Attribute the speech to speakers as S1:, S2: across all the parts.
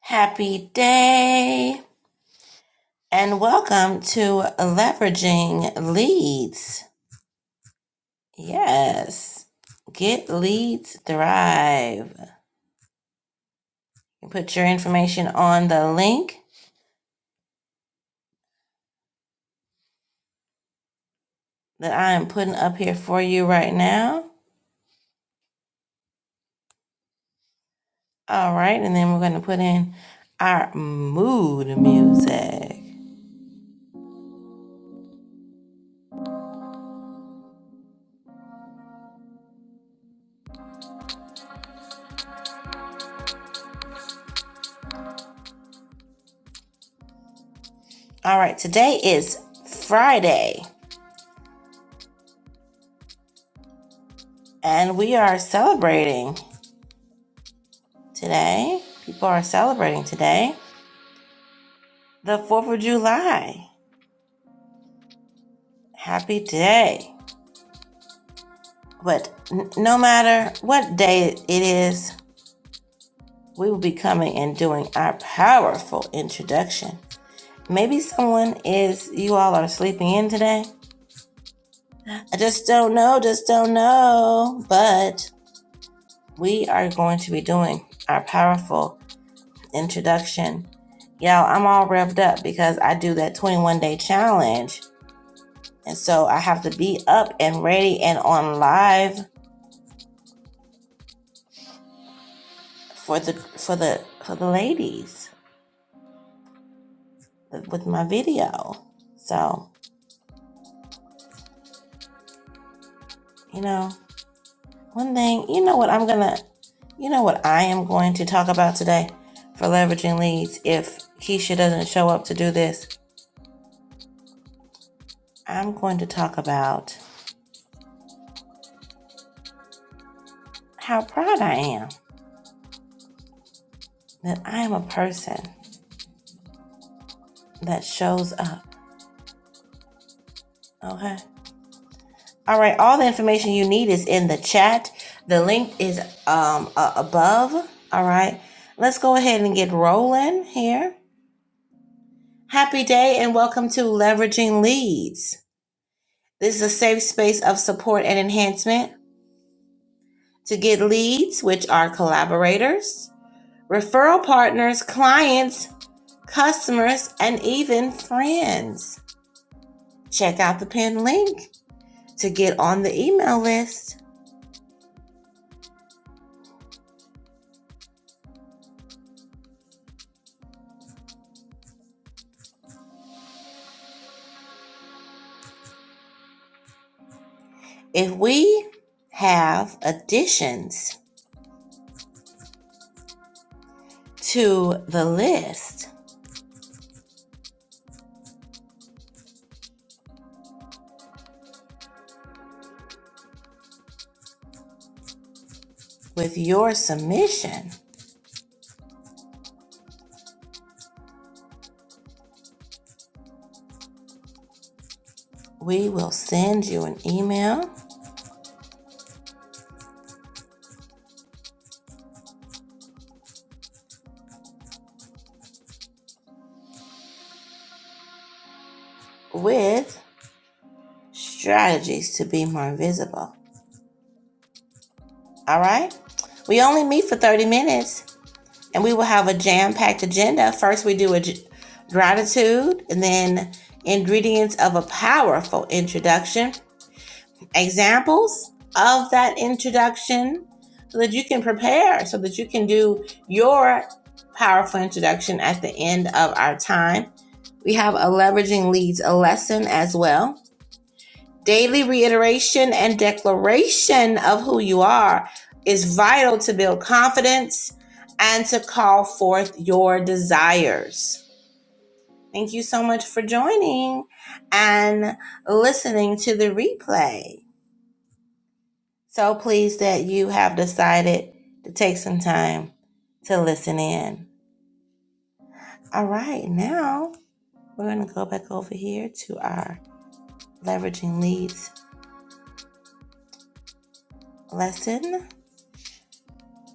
S1: Happy day and welcome to Leveraging Leads. Yes, get leads thrive. You put your information on the link that I am putting up here for you right now. All right, and then we're going to put in our mood music. All right, today is Friday and we are celebrating today. People are celebrating today the 4th of July. Happy day. But n- no matter what day it is, we will be coming and doing our powerful introduction. Maybe someone is, you all are sleeping in today. I just don't know, just don't know. But we are going to be doing our powerful introduction. Y'all, I'm all revved up because I do that 21 day challenge. And so I have to be up and ready and on live for the for the for the ladies. with my video. So, you know, one thing, you know what I'm going to, you know what I am going to talk about today for leveraging leads if Keisha doesn't show up to do this? I'm going to talk about how proud I am that I am a person that shows up. Okay. All right. All the information you need is in the chat. The link is um, uh, above. All right. Let's go ahead and get rolling here. Happy day and welcome to Leveraging Leads. This is a safe space of support and enhancement to get leads, which are collaborators, referral partners, clients, customers, and even friends. Check out the pinned link to get on the email list. If we have additions to the list with your submission, we will send you an email with strategies to be more visible. All right? We only meet for 30 minutes and we will have a jam packed agenda. First, we do a g- gratitude and then ingredients of a powerful introduction, examples of that introduction so that you can prepare, so that you can do your powerful introduction at the end of our time. We have a leveraging leads a lesson as well Daily reiteration and declaration of who you are is vital to build confidence and to call forth your desires. Thank you so much for joining and listening to the replay. So pleased that you have decided to take some time to listen in. All right, now we're going to go back over here to our leveraging leads lesson.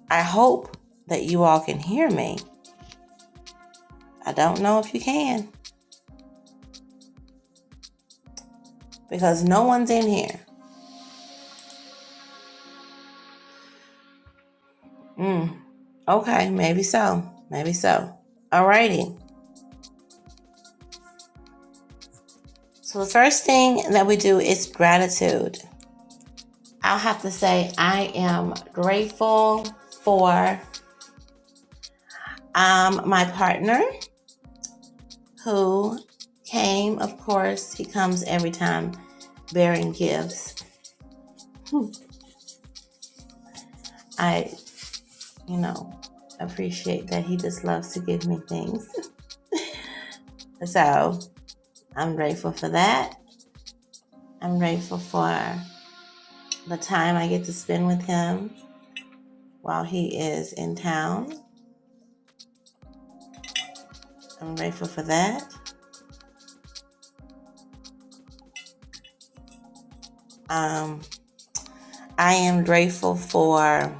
S1: I hope that you all can hear me. I don't know if you can because no one's in here. Mm, okay, maybe so. Maybe so. Alrighty. So the first thing that we do is gratitude. I'll have to say I am grateful for um, my partner who came. Of course, he comes every time bearing gifts. I, you know, appreciate that he just loves to give me things. So I'm grateful for that. I'm grateful for the time I get to spend with him while he is in town. I'm grateful for that. Um, I am grateful for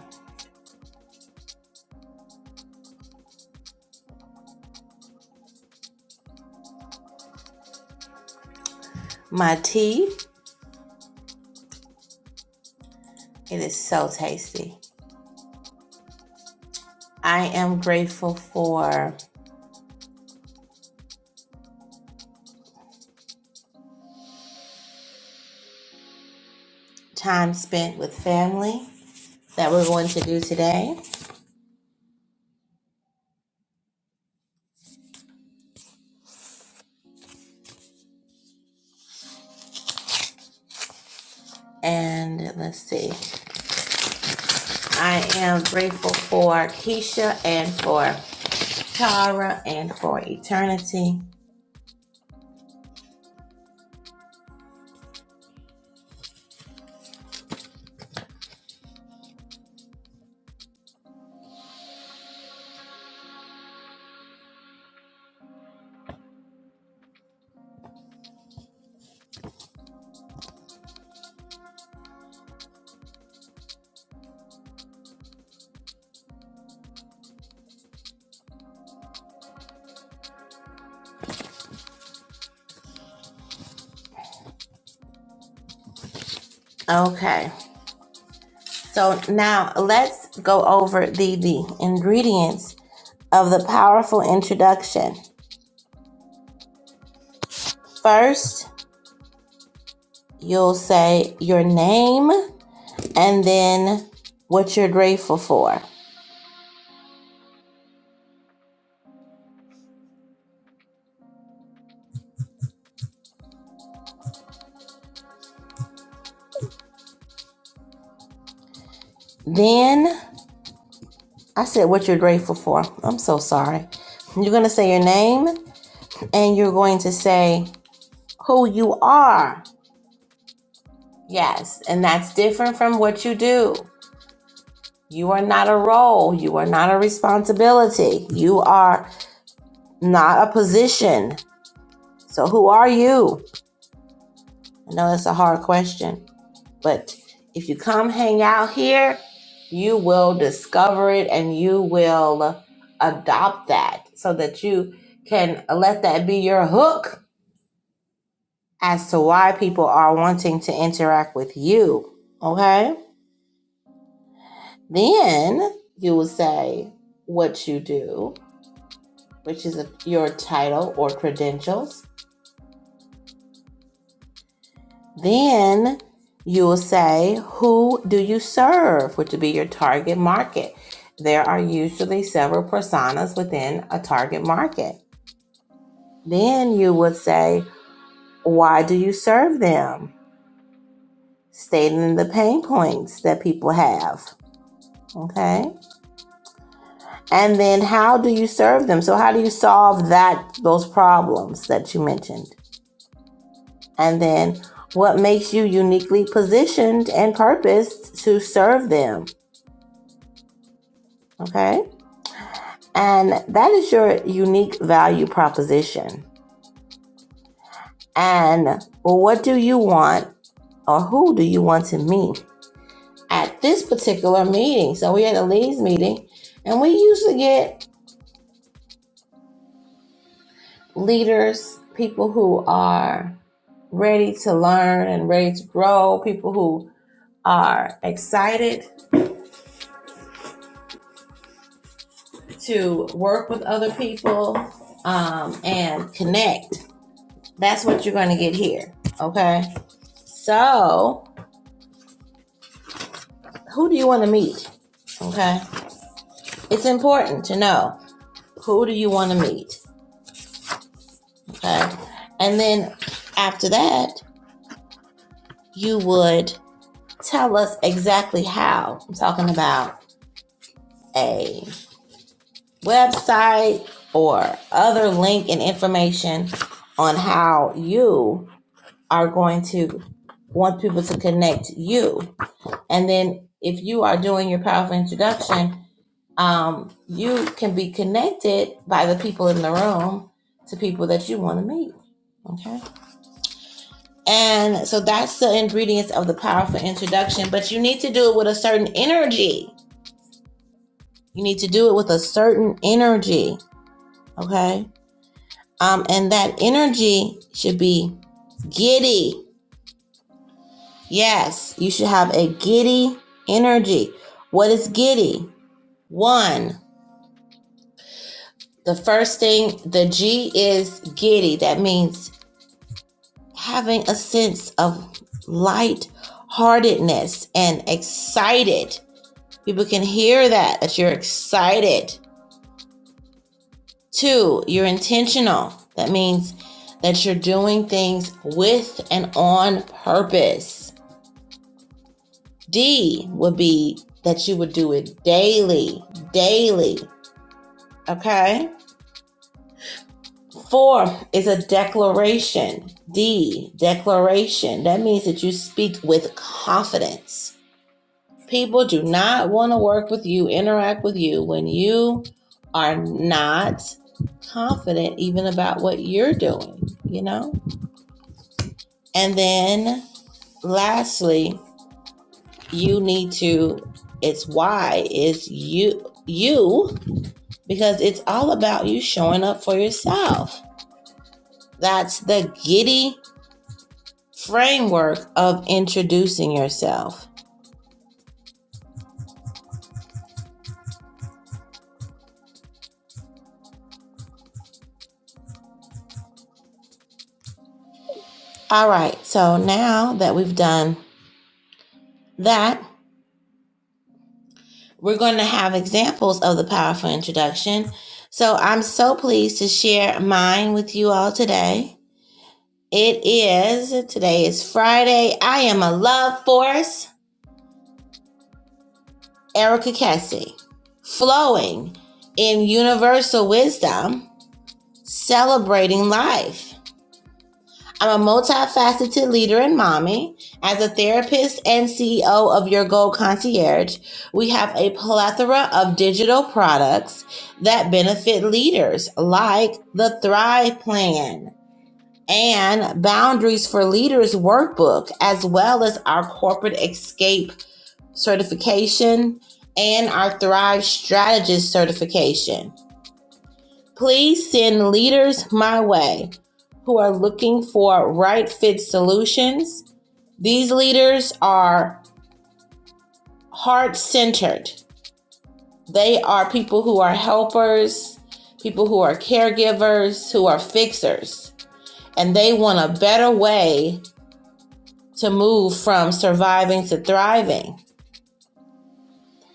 S1: my tea. It is so tasty. I am grateful for time spent with family that we're going to do today. And let's see. I am grateful for Keisha and for Tara and for eternity. Okay. So now let's go over the, the ingredients of the powerful introduction. First, you'll say your name and then what you're grateful for. Then I said what you're grateful for. I'm so sorry. You're going to say your name and you're going to say who you are. Yes, and that's different from what you do. You are not a role. You are not a responsibility. You are not a position. So, who are you? I know it's a hard question, but if you come hang out here, you will discover it and you will adopt that so that you can let that be your hook as to why people are wanting to interact with you. Okay? Then you will say what you do, which is your title or credentials Then you will say, Who do you serve? which would be your target market. There are usually several personas within a target market. Then you would say, Why do you serve them? Stating the pain points that people have. Okay. And then how do you serve them? So how do you solve that those problems that you mentioned? And then what makes you uniquely positioned and purposed to serve them? Okay. And that is your unique value proposition. And well, what do you want or who do you want to meet at this particular meeting? So we had a leads meeting and we usually get leaders, people who are ready to learn and ready to grow, people who are excited to work with other people um, and connect. That's what you're going to get here. Okay. So who do you want to meet? Okay. It's important to know who do you want to meet. Okay. And then after that, you would tell us exactly how. I'm talking about a website or other link and information on how you are going to want people to connect you. And then if you are doing your powerful introduction, um, you can be connected by the people in the room to people that you want to meet. Okay. And so that's the ingredients of the powerful introduction, but you need to do it with a certain energy. You need to do it with a certain energy. Okay. Um, and that energy should be giddy. Yes, you should have a giddy energy. What is giddy? One, the first thing, the G is giddy. That means having a sense of lightheartedness and excited. People can hear that, that you're excited. Two, you're intentional. That means that you're doing things with and on purpose. D would be that you would do it daily, daily. Okay. Four is a declaration. D, declaration. That means that you speak with confidence People do not want to work with you, interact with you when you are not confident even about what you're doing, you know? And then lastly, you need to it's why it's you you because it's all about you showing up for yourself. That's the giddy framework of introducing yourself. All right, so now that we've done that, We're going to have examples of the powerful introduction. So I'm so pleased to share mine with you all today. It is, today is Friday. I am a love force, Erica Cassie, flowing in universal wisdom, celebrating life. I'm a multifaceted leader and mommy. As a therapist and CEO of Your Gold Concierge, we have a plethora of digital products that benefit leaders, like the Thrive Plan and Boundaries for Leaders workbook, as well as our corporate escape certification and our Thrive Strategist certification. Please send leaders my way who are looking for right fit solutions. These leaders are heart centered. They are people who are helpers, people who are caregivers, who are fixers, and they want a better way to move from surviving to thriving.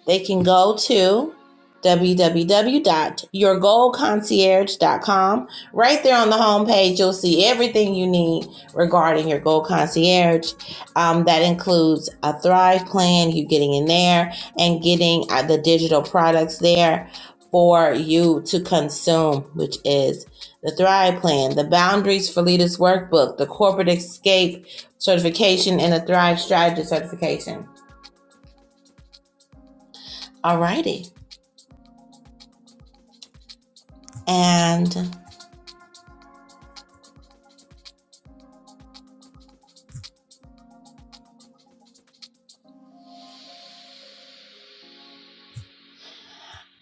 S1: They can go to w w w dot your gold concierge dot com. Right there on the homepage, you'll see everything you need regarding your gold concierge. Um, that includes a Thrive plan, you getting in there and getting uh, the digital products there for you to consume, which is the Thrive plan, the Boundaries for Leaders workbook, the Corporate Escape certification, and the Thrive Strategy certification. Alrighty. And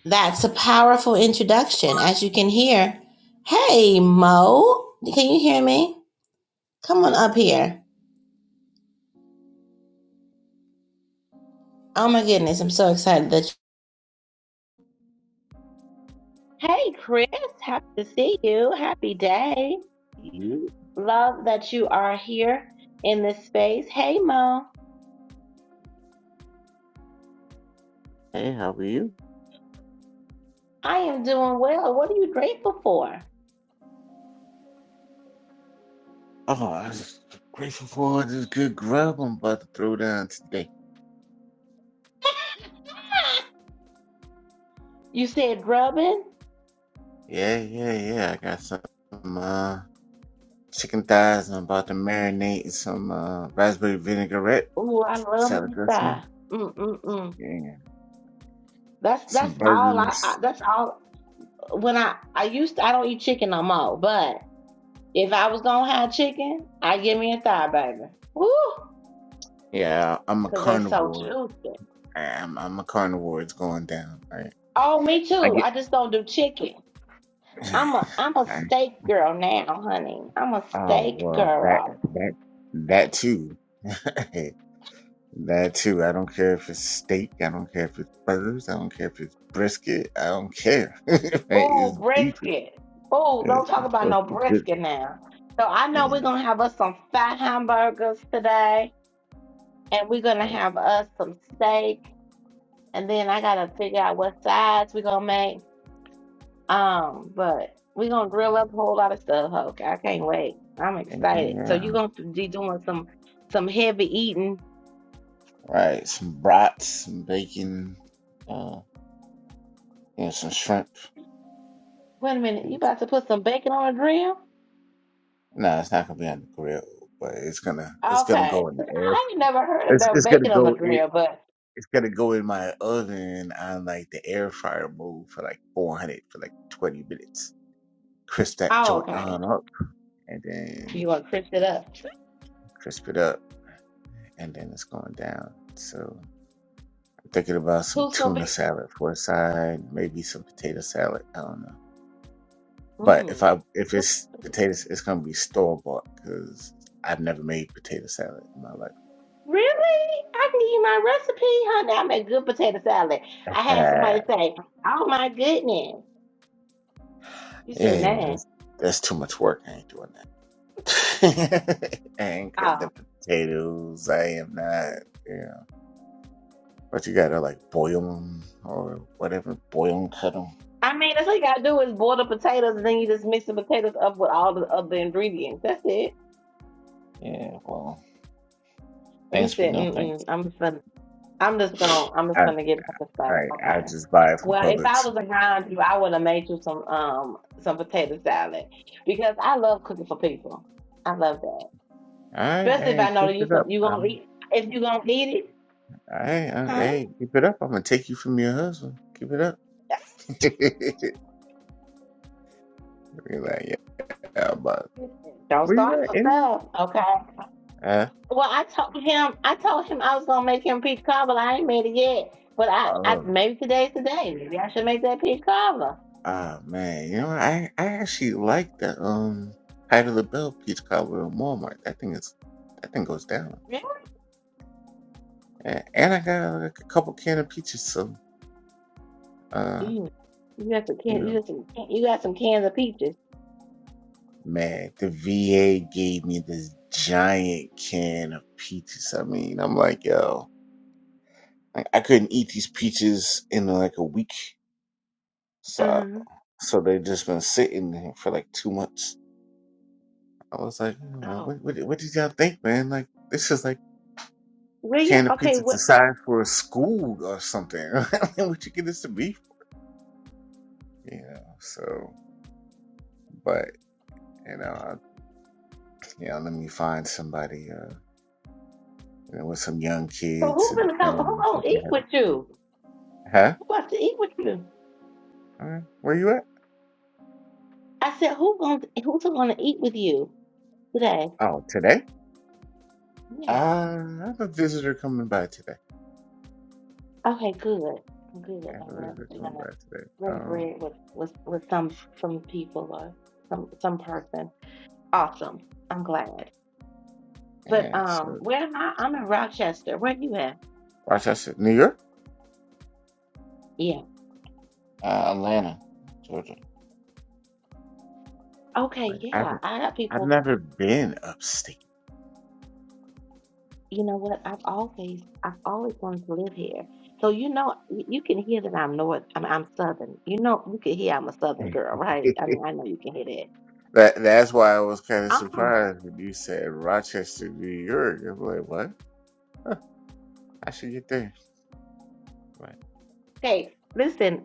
S1: That's a powerful introduction. As you can hear, hey, Mo, can you hear me? Come on up here. Oh my goodness, I'm so excited that. Hey, Chris, happy to see you. Happy day.
S2: You?
S1: Love that you are here in this space. Hey, Mo,
S2: Hey, how are you?
S1: I am doing well. What are you grateful for?
S2: Oh, I'm just grateful for all this good grub I'm about to throw down today.
S1: You said grubbing.
S2: Yeah, yeah, yeah. I got some uh, chicken thighs. I'm about to marinate in some uh, raspberry vinaigrette
S1: Ooh, I love
S2: salad
S1: me
S2: dressing
S1: thigh. Mm mm mm.
S2: and
S1: That's that's
S2: some
S1: all. I,
S2: burgers.
S1: I that's all. When I I used to, I don't eat chicken no more, but. If I was gonna have chicken, I'd give me a thigh, baby. Woo!
S2: Yeah, I'm a
S1: Cause they so
S2: carnivore.
S1: juicy.
S2: I, I'm I'm a carnivore. It's going down. I,
S1: Oh, me
S2: I
S1: too.
S2: get.
S1: I just don't do chicken. I'm a I'm a
S2: I,
S1: steak girl now, honey. I'm a
S2: oh
S1: steak
S2: well, that
S1: girl.
S2: that that too. That too. I don't care if it's steak. I don't care if it's burgers. I don't care if it's brisket. I don't care. right?
S1: Ooh,
S2: It's beef.
S1: brisket. Ooh, don't
S2: It's
S1: talk
S2: it's
S1: about
S2: what's
S1: no
S2: the
S1: brisket
S2: difference?
S1: now. So I know we're
S2: Yeah.
S1: gonna have us some fat hamburgers today, and we're gonna
S2: Oh,
S1: have us some steak, and then I gotta figure out what sides we're gonna make. Um, but we're gonna grill up a whole lot of stuff, Hulk. I can't wait. I'm excited. So
S2: yeah.
S1: you're gonna be doing some some heavy eating.
S2: Right. Some brats, some bacon, uh, you know, some shrimp.
S1: Wait a minute, you
S2: It's,
S1: about to put some bacon on a grill?
S2: no, it's not gonna be on the grill, but it's gonna it's gonna
S1: Okay.
S2: go in the
S1: 'Cause
S2: air.
S1: I ain't never heard
S2: It's
S1: about
S2: it's gonna
S1: bacon on a
S2: go it.
S1: grill, but
S2: It's gonna go in my oven on like the air fryer mode for like 400 for like 20 minutes. Crisp that
S1: oh
S2: joint
S1: okay.
S2: on up, and then
S1: You gonna crisp it up.
S2: crisp it up, and then it's going down. So I'm thinking about some
S1: Who's gonna
S2: tuna
S1: be
S2: salad for a side, maybe some potato salad. I don't know. But if
S1: mm.
S2: I if it's potatoes, it's gonna be store bought because I've never made potato salad in my life.
S1: Really? I can give you my recipe, honey. I make good potato salad. I had
S2: Ah,
S1: somebody say, Oh my goodness. You said
S2: yeah,
S1: nah.
S2: that's, that's too much work. I ain't doing that. I ain't
S1: Oh,
S2: cutting up the potatoes. I am not. Yeah, but you gotta like boil them or whatever. Boil them, cut them.
S1: I mean, that's all you gotta do is boil the potatoes, and then you just mix the potatoes up with all the other ingredients. That's it.
S2: Yeah, well,
S1: He
S2: thanks, but
S1: said,
S2: no
S1: "Mm-mm,
S2: thanks.
S1: I'm just gonna, I'm just gonna, I'm just gonna get the stuff."
S2: Right, I
S1: Okay.
S2: just buy it from
S1: Well, if I
S2: Publix.
S1: was around you, I would have made you some, um, some potato salad because I love cooking for people. I love that,
S2: All right,
S1: especially if
S2: hey,
S1: I know
S2: keep
S1: that you
S2: it
S1: can,
S2: up.
S1: you gonna
S2: I'm,
S1: eat, if you gonna eat it,
S2: all right, all right,
S1: huh?
S2: hey, keep it up. I'm gonna take you from your husband. Keep it up.
S1: That's,
S2: You're like, yeah, but
S1: Don't
S2: where you
S1: start
S2: at anyway?
S1: yourself, okay?
S2: Uh,
S1: Well, I told him, I told him I was gonna make him peach cobbler. I ain't made it yet, but I, I
S2: oh,
S1: maybe today's the day. Maybe I should make that peach cobbler.
S2: oh man, you know, I I actually like the um Patti LaBelle peach cobbler in Walmart. That thing is, that thing goes down.
S1: Yeah.
S2: And, and I got like a couple can of peaches, so uh.
S1: Mm. You got some
S2: you
S1: can,
S2: know.
S1: you got some, you got some cans of peaches.
S2: Man, the VA gave me this giant can of peaches. I mean, I'm like, yo, I, I couldn't eat these peaches in like a week. So,
S1: Uh-huh.
S2: so they've just been sitting there for like two months. I was like, "Man,
S1: Oh,
S2: what, what, what did y'all think, man? Like, this is like a
S1: well, yeah.
S2: can of
S1: Okay,
S2: pizza to
S1: what?
S2: size for a school or something. I mean, what you get this to be for? You know, so, but, you know, I, you know, let me find somebody, uh, you know, with some young
S1: So
S2: kids
S1: who's
S2: and a
S1: gonna come? Who
S2: family that
S1: gonna
S2: can
S1: eat
S2: have
S1: with
S2: it.
S1: you?
S2: Huh?
S1: Who wants to eat with you?
S2: Uh, where you at?
S1: I said, who gonna who's gonna eat with you today?
S2: Oh, today? Uh,
S1: Yeah.
S2: I have a visitor coming by today.
S1: Okay, good. Good.
S2: I have
S1: I'm
S2: a
S1: glad that
S2: visitor
S1: you're
S2: coming
S1: gonna
S2: by today.
S1: break
S2: Um,
S1: bread with with with some some people or some some person. Awesome. I'm glad. But
S2: yeah,
S1: um,
S2: so
S1: where am I? I'm in Rochester. Where you at?
S2: Rochester, New York,
S1: Yeah.
S2: Uh, Atlanta, Georgia.
S1: Okay.
S2: like
S1: Yeah.
S2: I've
S1: I got
S2: I've
S1: people.
S2: never been upstate.
S1: You know what? I've always, I've always wanted to live here. So you know, y- you can hear that I'm north. I mean, I'm southern. You know, you can hear I'm a southern girl, right? I mean, I know you can hear that.
S2: that that's why I was kind of
S1: I'm from.
S2: surprised when you said Rochester, New York. I'm like, what? Huh, I should get there. But
S1: Hey, listen,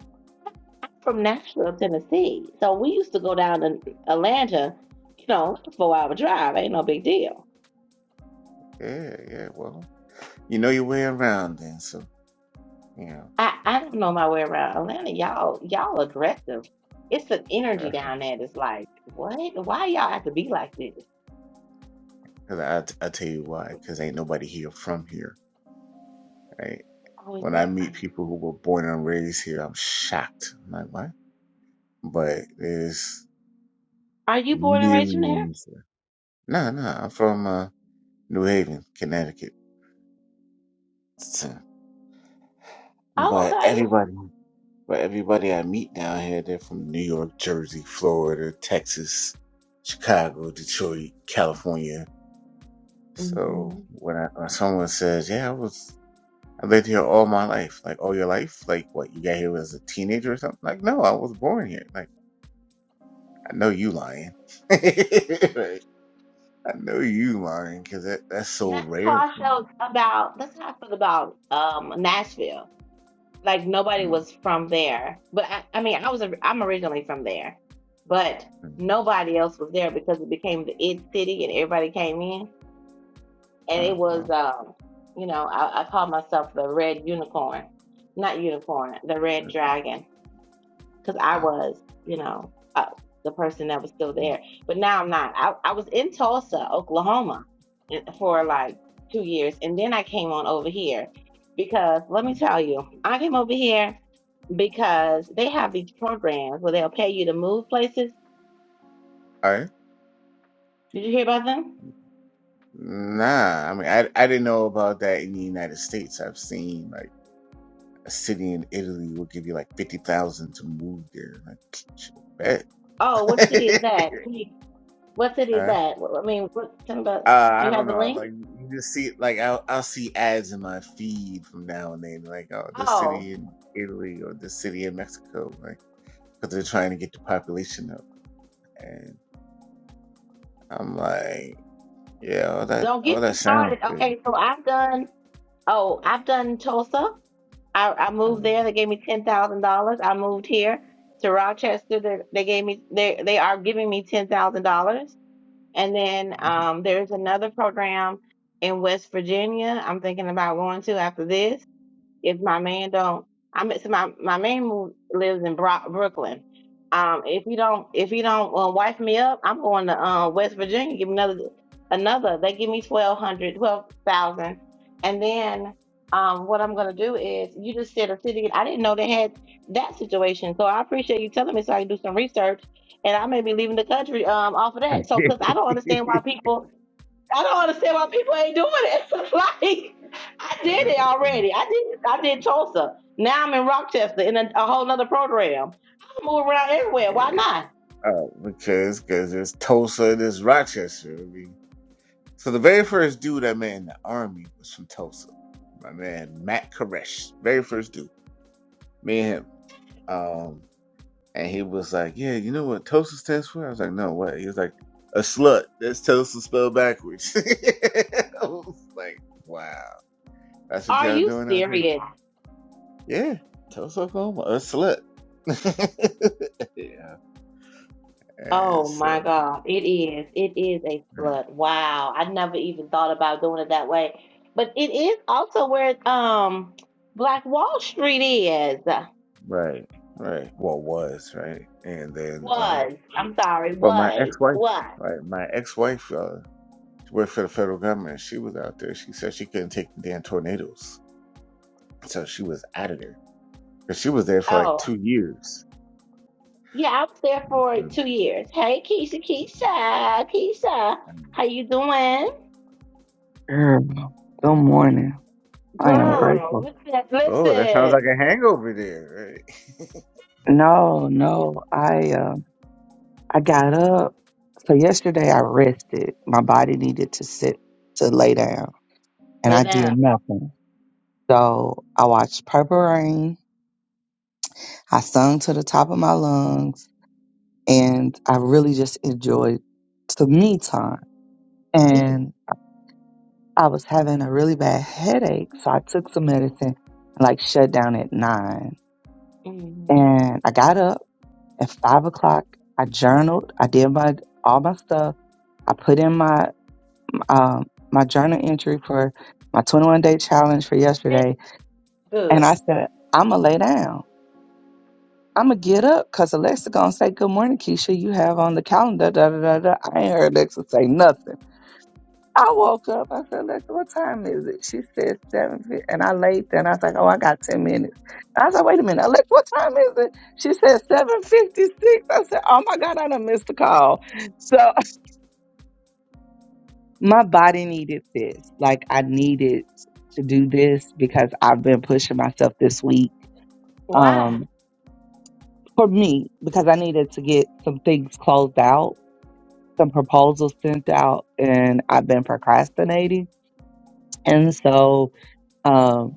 S1: from Nashville, Tennessee. So we used to go down to Atlanta. You know, four hour drive. Ain't no big deal.
S2: yeah, yeah. Well, you know your way around then, so you know.
S1: I, I don't know my way around Atlanta. Y'all y'all aggressive. It's an energy down there that's like, what? Why y'all have to be like this?
S2: Because I I tell you why, because ain't nobody here from here. right?
S1: Oh, is
S2: When
S1: that
S2: I meet
S1: fine?
S2: people who were born and raised here, I'm shocked. I'm like, what? But there's
S1: Are you born and raised from there?
S2: millions. No, no, I'm from uh, New Haven, Connecticut. So-
S1: Oh,
S2: But
S1: okay.
S2: everybody, but everybody I meet down here, they're from New York, Jersey, Florida, Texas, Chicago, Detroit, California.
S1: hmm
S2: So when I when someone says, "Yeah, I was I lived here all my life," like all your life, like what you got here as a teenager or something, like no, I was born here. Like I know you lying. Right. I know you lying because that, that's so
S1: That's how
S2: rare
S1: I
S2: for me.
S1: felt about. That's how I felt about um Nashville. Like nobody
S2: Mm,
S1: was from there, but I, I mean, I was. or- I'm originally from there, but
S2: mm,
S1: nobody else was there because it became the it city and everybody came in. and it
S2: mm,
S1: was
S2: well,
S1: um, you know, I, I called myself the red unicorn, not unicorn, the red dragon, because I
S2: I-
S1: was, you know, uh, the person that was still
S2: mm,
S1: there. But now I'm not. I, I was in Tulsa, Oklahoma, eh, for like two years, and then I came on over here because let me
S2: mm.
S1: tell you, I came over here because they have these programs where they'll pay you to move places.
S2: All right.
S1: Did you hear about them?
S2: Nah, I mean, I, I didn't know about that in the United States. I've seen like a city in Italy will give you like 50,000 to move there. Like, shit, bet.
S1: Oh, what city is that? What city is
S2: huh?
S1: that? Well, I mean, what, tell me about.
S2: Uh,
S1: Do
S2: I
S1: you have
S2: don't
S1: the
S2: know.
S1: link?
S2: Like you just see, like I'll I'll see ads in my feed from now and then. Like, oh, this
S1: Oh,
S2: city in Italy or this city in Mexico. like, because they're trying to get the population up. And I'm like, yeah, all that
S1: don't
S2: all
S1: get
S2: that
S1: me
S2: sounds
S1: started.
S2: good.
S1: Okay, so I've done. Oh, I've done Tulsa. I, I moved
S2: Um,
S1: there. They gave me ten thousand dollars. I moved here to Rochester. They, they gave me. They they are giving me ten thousand dollars. And then um, there's another program in West Virginia. I'm thinking about going to after this. if my man don't i mean so my my man move, lives in Bro- brooklyn um if you don't if you don't uh, wife me up i'm going to uh, west virginia give me another another they give me 1200, 12000. and then um what i'm going to do is you just said a city i didn't know they had that situation so i appreciate you telling me so i can do some research and i may be leaving the country um off of that so because i don't understand why people I don't understand why people ain't doing it. like I
S2: uh,
S1: did it already. I did I did Tulsa. Now I'm in Rochester in a, a whole nother program. I move around everywhere. Why not?
S2: uh, because because there's Tulsa, and there's Rochester. I mean, so the very first dude I met in the army was from Tulsa. My man Matt Koresh, very first dude, me and him. Um, and he was like, yeah, you know what Tulsa stands for? I was like, no, what? He was like, a slut. That's Tulsa spelled backwards. I was like, wow. That's what
S1: Are
S2: y'all
S1: you
S2: doing out there?
S1: serious?
S2: Yeah, Tulsa, Oklahoma, a slut. yeah, and
S1: Oh
S2: so
S1: my God. It is. It is a
S2: right,
S1: flood. Wow. I never even thought about doing it that way. But it is also where um Black Wall Street is.
S2: right. right. Well, was right, and then um,
S1: Was. I'm sorry,
S2: well, my
S1: was.
S2: ex-wife,
S1: Was.
S2: right, my ex-wife, uh, she worked for the federal government. She was out there. She said she couldn't take the damn tornadoes, so she was out of there. But she was there for like
S1: Oh.
S2: two years.
S1: Yeah, I was there for
S2: Mm.
S1: two years. Hey, Keisha, Keisha, Keisha,
S2: And-
S1: how you doing,
S3: Girl, good morning. I am
S2: Oh,
S1: girl?
S3: grateful.
S1: Listen,
S2: oh, that sounds like
S1: listen.
S2: a hangover there, right?
S3: No, no, I uh, I got up. So yesterday I rested. My body needed to sit to lay down, and
S1: lay
S3: I did
S1: down.
S3: nothing. So I watched Purple Rain. I sung to the top of my lungs, and I really just enjoyed some me time.
S1: Yeah.
S3: And I was having a really bad headache, so I took some medicine, and like shut down at nine.
S1: mhm.
S3: And I got up. At five o'clock, I journaled. I did my all my stuff. I put in my um, my journal entry for my 21 day challenge for
S1: It's
S3: yesterday, and I
S1: Good.
S3: said I'm gonna lay down. I'm gonna get up because Alexa gonna say good morning, Keisha. You have on the calendar. Da da da da. I ain't heard Alexa say nothing. I woke up. I said, "Alexa, what time is it?" She said seven, fif- and I laid there and I was like, "Oh, I got ten minutes." I said, "Wait a minute, Alexa, what time is it?" She said seven fifty six. I said, "Oh my God, I done missed the call." So my body needed this. Like I needed to do this because I've been pushing myself this week.
S1: Why?
S3: Um, for me, because I needed to get some things closed out, some proposals sent out, and I've been procrastinating, and so. um.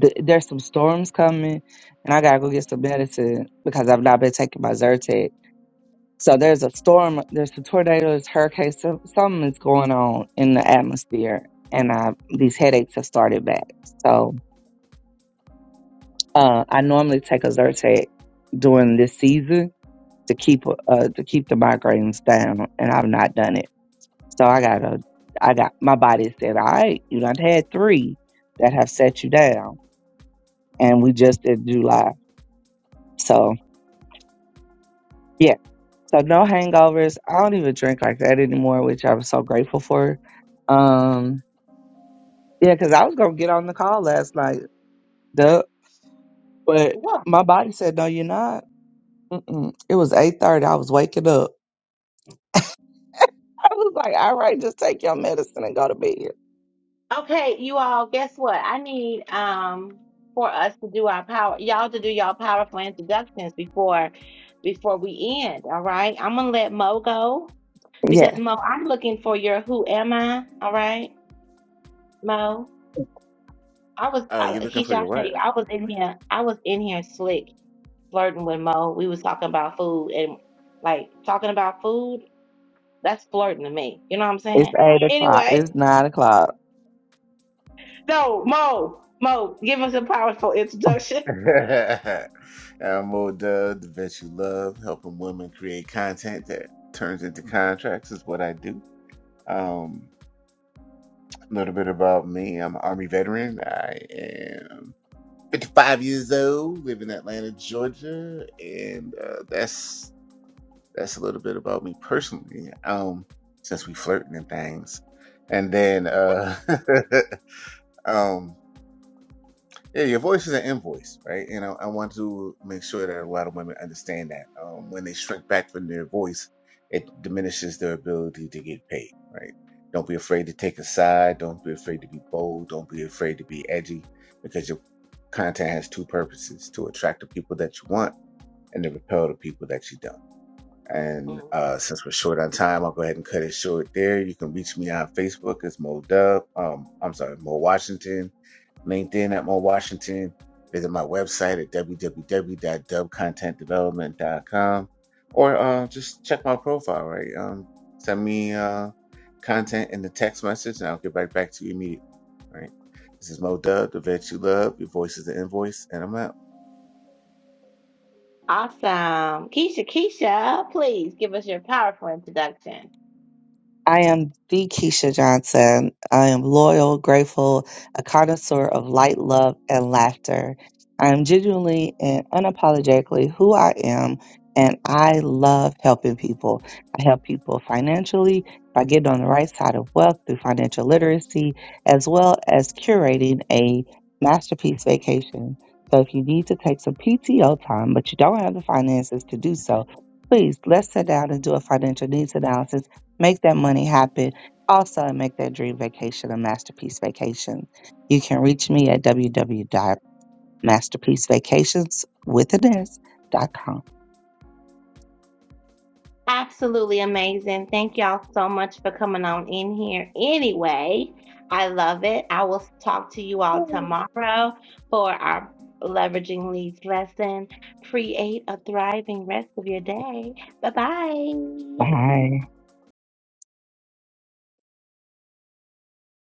S3: th- there's some storms coming, and I gotta go get some medicine because I've not been taking my Zyrtec. So there's a storm, there's some tornadoes, hurricanes, some, something is going on in the atmosphere, and I, these headaches have started back. So uh, I normally take a Zyrtec during this season to keep uh, to keep the migraines down, and I've not done it. So I gotta, I got my body said, all right, you done had three that have set you down, and we just did July, so. yeah. So no hangovers. I don't even drink like that anymore, which I'm so grateful for. Um, yeah, because I was gonna get on the call last night, duh, but
S1: What?
S3: my body said no, you're not. Mm-mm. It was eight thirty. I was waking up. I was like, all right, just take your medicine and go to bed.
S1: Okay, you all. Guess what? I need um for us to do our power, y'all to do y'all powerful introductions before before we end. All right, I'm gonna let Mo go because
S3: Yeah,
S1: Mo, I'm looking for your who am I? All right, Mo. I was
S2: Uh,
S1: I,
S2: you looking
S1: Keisha.
S2: for
S1: I
S2: your what?
S1: tell you, I was in here. I was in here slick flirting with Mo. We was talking about food and like talking about food. That's flirting to me. You know what I'm
S3: it's
S1: saying?
S3: eight o'clock.
S1: Anyway,
S3: It's nine o'clock.
S1: no, Mo, Mo, give us a powerful introduction.
S2: Admiral Dub, the vet you love, helping women create content that turns into contracts is what I do. Um, a little bit about me. I'm an Army veteran. I am 55 years old, live in Atlanta, Georgia, and uh, that's that's a little bit about me personally. Um, since we flirting and things, and then uh, um. Yeah, your voice is an invoice, right? And I, I want to make sure that a lot of women understand that um, when they shrink back from their voice, it diminishes their ability to get paid, right? Don't be afraid to take a side. Don't be afraid to be bold. Don't be afraid to be edgy because your content has two purposes to attract the people that you want and to repel the people that you don't. And
S1: Mm.
S2: uh, since we're short on time, I'll go ahead and cut it short there. You can reach me on Facebook as Mo Dub. Um, I'm sorry, Mo Washington. LinkedIn at Mo Washington. Visit my website at www.dubcontentdevelopment.com or uh, just check my profile, right? Um, send me uh, content in the text message and I'll get right back to you immediately, right? This is Mo Dub, the vet you love. Your voice is the invoice, and I'm out.
S1: Awesome, Keisha, Keisha, please give us your powerful introduction.
S3: I am the Keisha Johnson. I am loyal, grateful, a connoisseur of light, love, and laughter. I am genuinely and unapologetically who I am, and I love helping people. I help people financially by getting on the right side of wealth through financial literacy, as well as curating a masterpiece vacation. So if you need to take some PTO time, but you don't have the finances to do so, please let's sit down and do a financial needs analysis Make that money happen. Also, and make that dream vacation a masterpiece vacation. You can reach me at www.masterpiecevacations with an S dot com.
S1: Absolutely amazing. Thank y'all so much for coming on in here. Anyway, I love it. I will talk to you all tomorrow for our leveraging leads lesson. Create a thriving rest of your day. Bye bye.
S3: Bye.